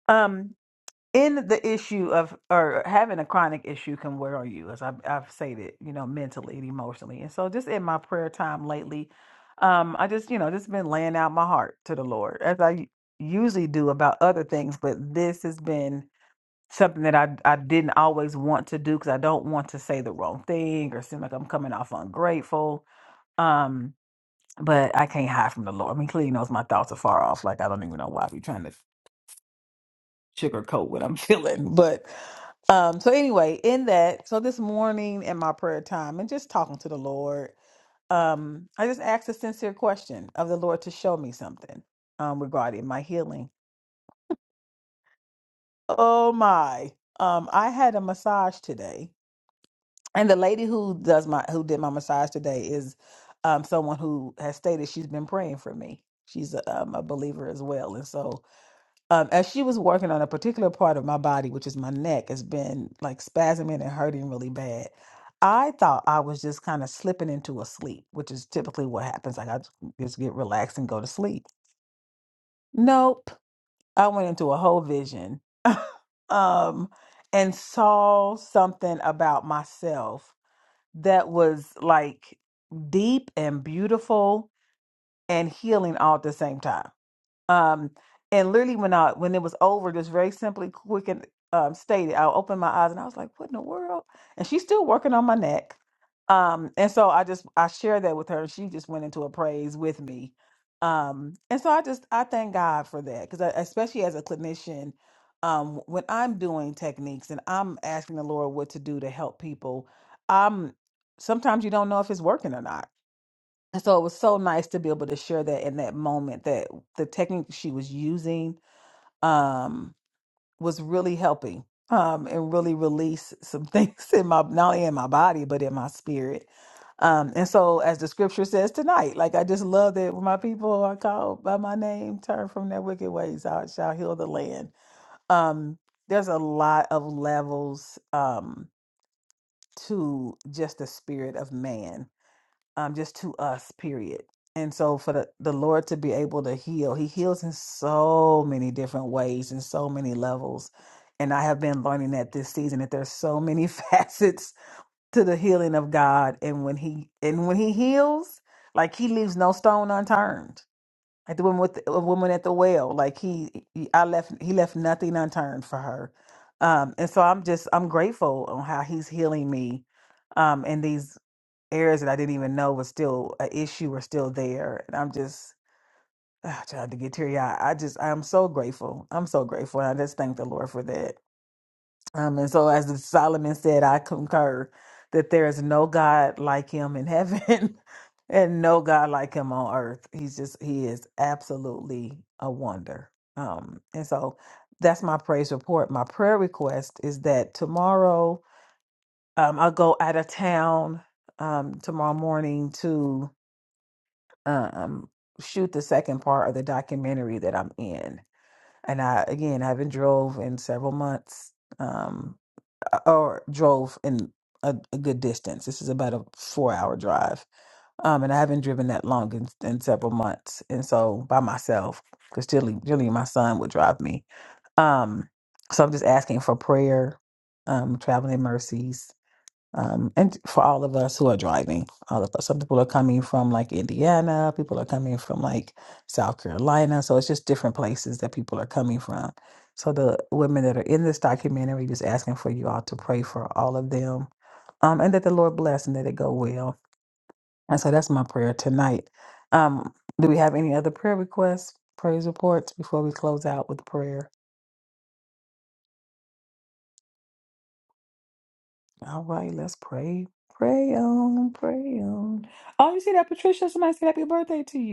S1: um. in the issue of or having a chronic issue can wear on you as I, i've stated you know mentally and emotionally and so just in my prayer time lately um i just you know just been laying out my heart to the lord as i usually do about other things but this has been something that i, I didn't always want to do because i don't want to say the wrong thing or seem like i'm coming off ungrateful um but i can't hide from the lord i mean clearly he knows my thoughts are far off like i don't even know why i be trying to sugarcoat what i'm feeling but um, so anyway, in that, so this morning in my prayer time and just talking to the Lord, um, I just asked a sincere question of the Lord to show me something um regarding my healing. Oh my. Um, I had a massage today, and the lady who does my who did my massage today is um someone who has stated she's been praying for me. She's a, um, a believer as well, and so um, as she was working on a particular part of my body, which is my neck, has been like spasming and hurting really bad. I thought I was just kind of slipping into a sleep, which is typically what happens. Like I j- just get relaxed and go to sleep. Nope. I went into a whole vision um, and saw something about myself that was like deep and beautiful and healing all at the same time um, and literally when I when it was over, just very simply, quick and um, stated, I opened my eyes and I was like, "What in the world?" And she's still working on my neck. Um, and so I just I shared that with her, and she just went into a praise with me. Um, and so I just I thank God for that because especially as a clinician, um, when I'm doing techniques and I'm asking the Lord what to do to help people, I'm sometimes you don't know if it's working or not so it was so nice to be able to share that in that moment that the technique she was using um, was really helping um, and really release some things in my not only in my body but in my spirit. Um, and so, as the scripture says tonight, like I just love that when my people are called by my name, turn from their wicked ways, I shall heal the land. Um, there's a lot of levels um, to just the spirit of man um, just to us, period. And so for the, the Lord to be able to heal, He heals in so many different ways and so many levels. And I have been learning that this season that there's so many facets to the healing of God. And when He and when He heals, like He leaves no stone unturned. Like the woman with the, the woman at the well, like he, he, I left, he left nothing unturned for her. Um, and so I'm just, I'm grateful on how he's healing me um, in these areas that I didn't even know was still an issue were still there. And I'm just ah, trying to get teary eyed. I just I'm so grateful. I'm so grateful. And I just thank the Lord for that. Um and so as Solomon said, I concur that there is no God like him in heaven and no God like him on earth. He's just he is absolutely a wonder. Um and so that's my praise report. My prayer request is that tomorrow um, I'll go out of town um, tomorrow morning to. um shoot the second part of the documentary that I'm in. And I again I haven't drove in several months um or drove in a, a good distance. This is about a 4-hour drive. Um and I haven't driven that long in, in several months. And so by myself cuz Jilly, Jilly my son would drive me. Um so I'm just asking for prayer, um traveling mercies um, and for all of us who are driving, all of us. Some people are coming from like Indiana, people are coming from like South Carolina. So it's just different places that people are coming from. So the women that are in this documentary, just asking for you all to pray for all of them, um, and that the Lord bless and that it go well. And so that's my prayer tonight. Um, do we have any other prayer requests, praise reports before we close out with prayer? All right, let's pray. Pray on, pray on. Oh, you see that, Patricia? Somebody said happy birthday to you.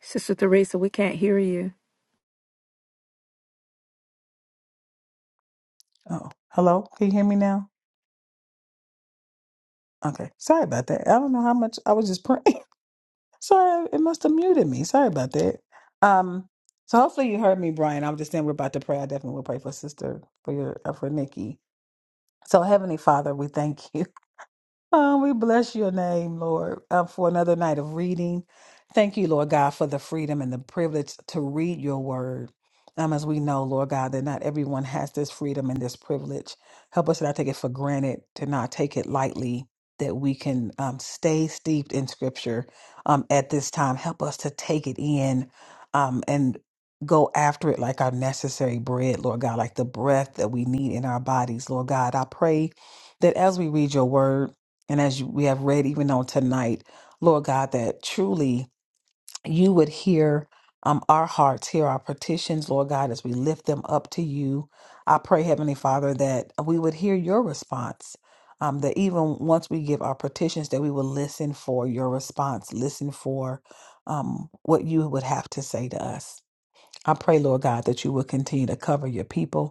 S3: Sister Theresa, we can't hear you.
S1: Oh, hello. Can you hear me now? Okay. Sorry about that. I don't know how much I was just praying. Sorry, it must have muted me. Sorry about that. Um, so hopefully you heard me, Brian. I was just saying we're about to pray. I definitely will pray for sister for your uh, for Nikki. So Heavenly Father, we thank you. Oh, we bless your name, Lord, uh, for another night of reading. Thank you, Lord God, for the freedom and the privilege to read your word. Um, as we know, Lord God, that not everyone has this freedom and this privilege. Help us to not take it for granted, to not take it lightly, that we can um, stay steeped in scripture um, at this time. Help us to take it in um, and go after it like our necessary bread, Lord God, like the breath that we need in our bodies, Lord God. I pray that as we read your word, and as you- we have read even on tonight, Lord God, that truly you would hear um, our hearts, hear our petitions, Lord God, as we lift them up to you. I pray, Heavenly Father, that we would hear your response. Um, that even once we give our petitions, that we will listen for your response, listen for um, what you would have to say to us. I pray, Lord God, that you will continue to cover your people.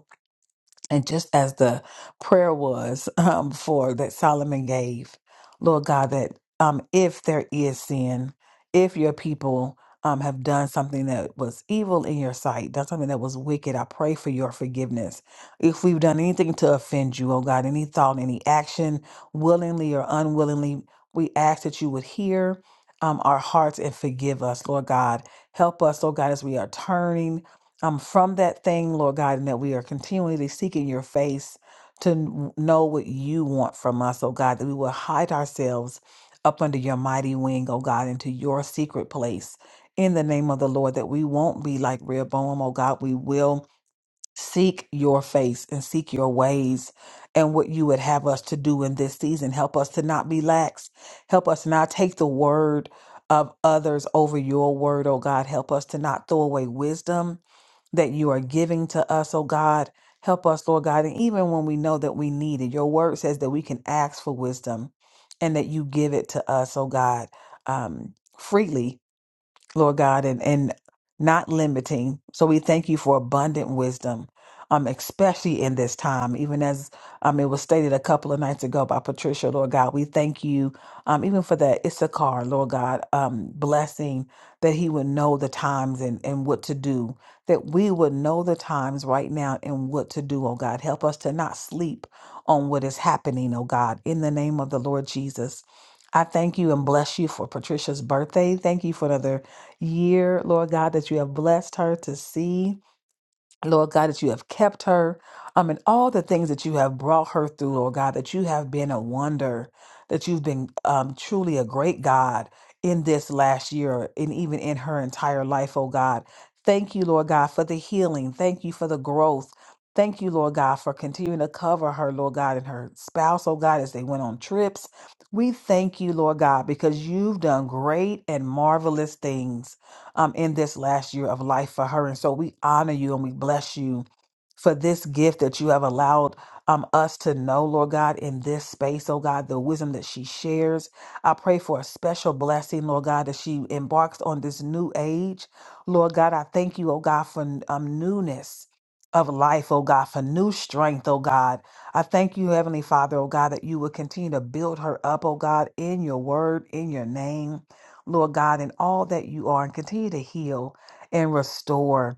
S1: And just as the prayer was um, for that Solomon gave, Lord God, that um, if there is sin, if your people um, have done something that was evil in your sight, done something that was wicked, I pray for your forgiveness. If we've done anything to offend you, oh God, any thought, any action, willingly or unwillingly, we ask that you would hear um, our hearts and forgive us, Lord God. Help us, oh God, as we are turning um, from that thing, Lord God, and that we are continually seeking your face to n- know what you want from us, oh God, that we will hide ourselves up under your mighty wing, oh God, into your secret place in the name of the Lord, that we won't be like Rehoboam, oh God, we will seek your face and seek your ways and what you would have us to do in this season. Help us to not be lax. Help us not take the word of others over your word, oh God. Help us to not throw away wisdom that you are giving to us, oh God. Help us, Lord God. And even when we know that we need it, your word says that we can ask for wisdom and that you give it to us, oh God, um, freely. Lord God, and, and not limiting. So we thank you for abundant wisdom, um, especially in this time. Even as um, it was stated a couple of nights ago by Patricia, Lord God, we thank you um, even for that Issachar, Lord God, um, blessing that he would know the times and, and what to do, that we would know the times right now and what to do, oh God. Help us to not sleep on what is happening, oh God, in the name of the Lord Jesus. I thank you and bless you for Patricia's birthday. Thank you for another year, Lord God, that you have blessed her to see. Lord God, that you have kept her. Um, and all the things that you have brought her through, Lord God, that you have been a wonder, that you've been um, truly a great God in this last year and even in her entire life, oh God. Thank you, Lord God, for the healing. Thank you for the growth. Thank you, Lord God, for continuing to cover her, Lord God, and her spouse, oh God, as they went on trips. We thank you, Lord God, because you've done great and marvelous things um, in this last year of life for her. And so we honor you and we bless you for this gift that you have allowed um, us to know, Lord God, in this space, oh God, the wisdom that she shares. I pray for a special blessing, Lord God, as she embarks on this new age. Lord God, I thank you, oh God, for um, newness of life, oh God, for new strength, oh God. I thank you, Heavenly Father, oh God, that you will continue to build her up, oh God, in your word, in your name, Lord God, in all that you are, and continue to heal and restore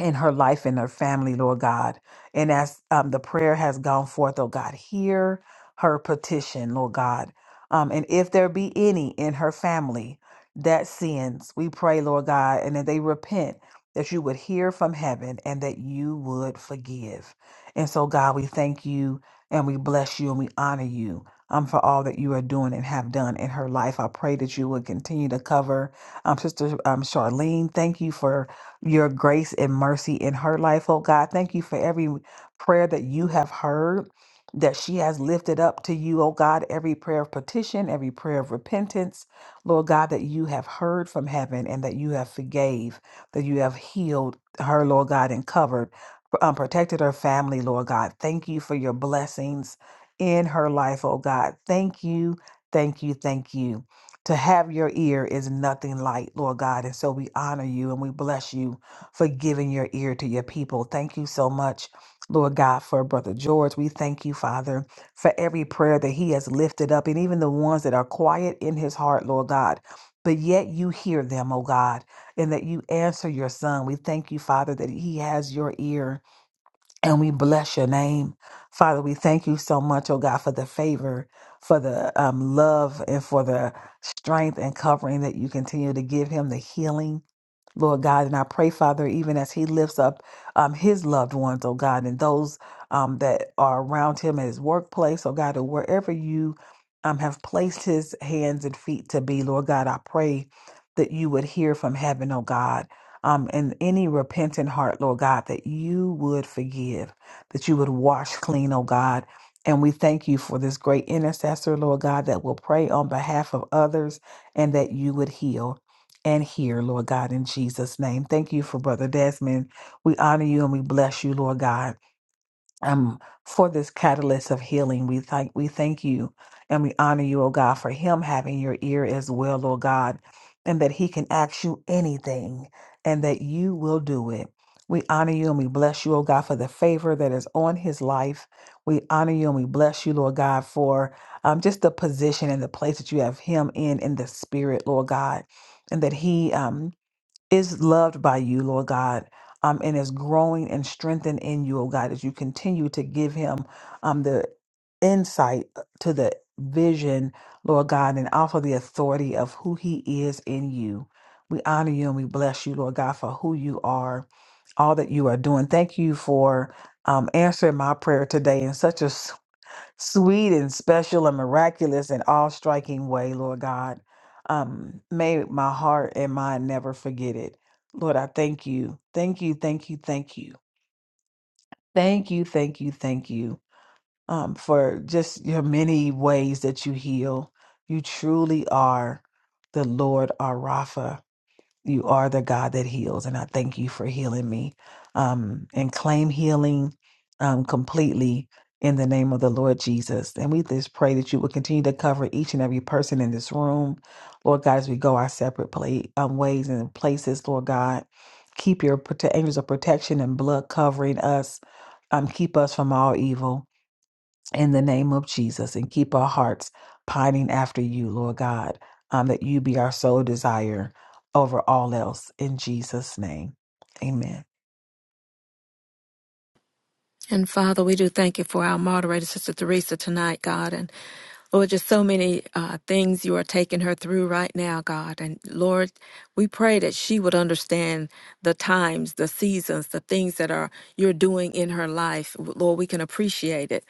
S1: in her life and her family, Lord God. And as um, the prayer has gone forth, oh God, hear her petition, Lord God. Um, and if there be any in her family that sins, we pray, Lord God, and that they repent, that you would hear from heaven and that you would forgive. And so, God, we thank you and we bless you and we honor you. Um, for all that you are doing and have done in her life, I pray that you would continue to cover um, Sister um, Charlene. Thank you for your grace and mercy in her life, oh God. Thank you for every prayer that you have heard, that she has lifted up to you, oh God, every prayer of petition, every prayer of repentance, Lord God, that you have heard from heaven and that you have forgave, that you have healed her, Lord God, and covered, um, protected her family, Lord God. Thank you for your blessings in her life, oh God. Thank you, thank you, thank you. To have your ear is nothing light, Lord God. And so we honor you and we bless you for giving your ear to your people. Thank you so much, Lord God, for Brother George. We thank you, Father, for every prayer that he has lifted up and even the ones that are quiet in his heart, Lord God. But yet you hear them, oh God, and that you answer your son. We thank you, Father, that he has your ear. And we bless your name. Father, we thank you so much, oh God, for the favor, for the um, love, and for the strength and covering that you continue to give him, the healing Lord God. And I pray, Father, even as he lifts up um, his loved ones, oh God, and those um, that are around him at his workplace, oh God, or wherever you um, have placed his hands and feet to be, Lord God, I pray that you would hear from heaven, oh God. Um, and any repentant heart, Lord God, that you would forgive, that you would wash clean, oh God. And we thank you for this great intercessor, Lord God, that will pray on behalf of others and that you would heal and here, Lord God, in Jesus' name. Thank you for Brother Desmond. We honor you and we bless you, Lord God um, for this catalyst of healing. We thank we thank you and we honor you, O God, for him having your ear as well, oh God, and that he can ask you anything and that you will do it. We honor you and we bless you, O God, for the favor that is on his life. We honor you and we bless you, Lord God, for um, just the position and the place that you have him in in the spirit, Lord God, and that he um, is loved by you, Lord God, um, and is growing and strengthened in you, oh God, as you continue to give him um, the insight uh, to the vision, Lord God, and also the authority of who he is in you. We honor you and we bless you, Lord God, for who you are, all that you are doing. Thank you for um, answering my prayer today in such a sweet and special and miraculous and all striking way, Lord God. Um, may my heart and mind never forget it. Lord, I thank you. Thank you, thank you, thank you. Thank you, thank you, thank you um, for just your many ways that you heal. You truly are the Lord our Rapha. You are the God that heals, and I thank you for healing me. Um, and claim healing um, completely in the name of the Lord Jesus. And we just pray that you will continue to cover each and every person in this room, Lord God, as we go our separate play, um, ways and places, Lord God. Keep your prote- angels of protection and blood covering us. Um, keep us from all evil in the name of Jesus and keep our hearts pining after you, Lord God, um, that you be our sole desire over all else in Jesus' name. Amen.
S3: And Father, we do thank you for our moderator, Sister Teresa, tonight, God. And Lord, just so many uh, things you are taking her through right now, God. And Lord, we pray that she would understand the times, the seasons, the things that are you're doing in her life. Lord, we can appreciate it.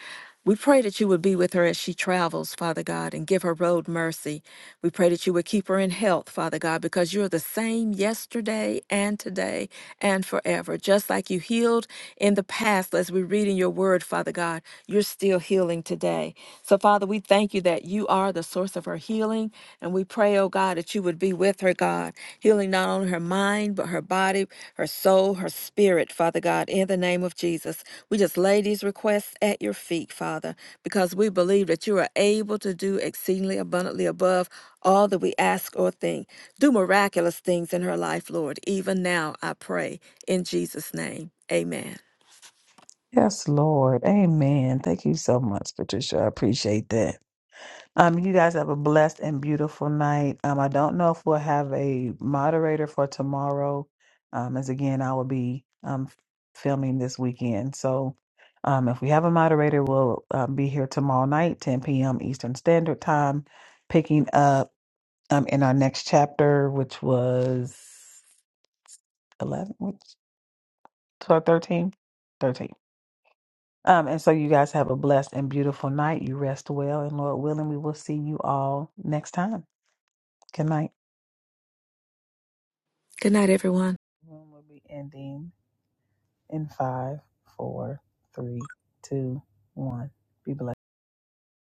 S3: We pray that you would be with her as she travels, Father God, and give her road mercy. We pray that you would keep her in health, Father God, because you're the same yesterday and today and forever. Just like you healed in the past, as we read in your word, Father God, you're still healing today. So, Father, we thank you that you are the source of her healing, and we pray pray, oh God, that you would be with her, God, healing not only her mind, but her body, her soul, her spirit, Father God, in the name of Jesus. We just lay these requests at your feet, Father, because we believe that you are able to do exceedingly abundantly above all that we ask or think. Do miraculous things in her life, Lord, even now, I pray, in Jesus' name. Amen.
S1: Yes, Lord. Amen. Thank you so much, Patricia. I appreciate that. Um, you guys have a blessed and beautiful night. Um, I don't know if we'll have a moderator for tomorrow, um, as again, I will be um, filming this weekend. So, um, if we have a moderator, we'll uh, be here tomorrow night, 10 p.m. Eastern Standard Time, picking up um, in our next chapter, which was 11, which, 12, 13, 13. Um, and so you guys have a blessed and beautiful night. You rest well, and Lord willing, we will see you all next time. Good night.
S3: Good night, everyone.
S1: Room will be ending in five, four, three, two, one. Be blessed.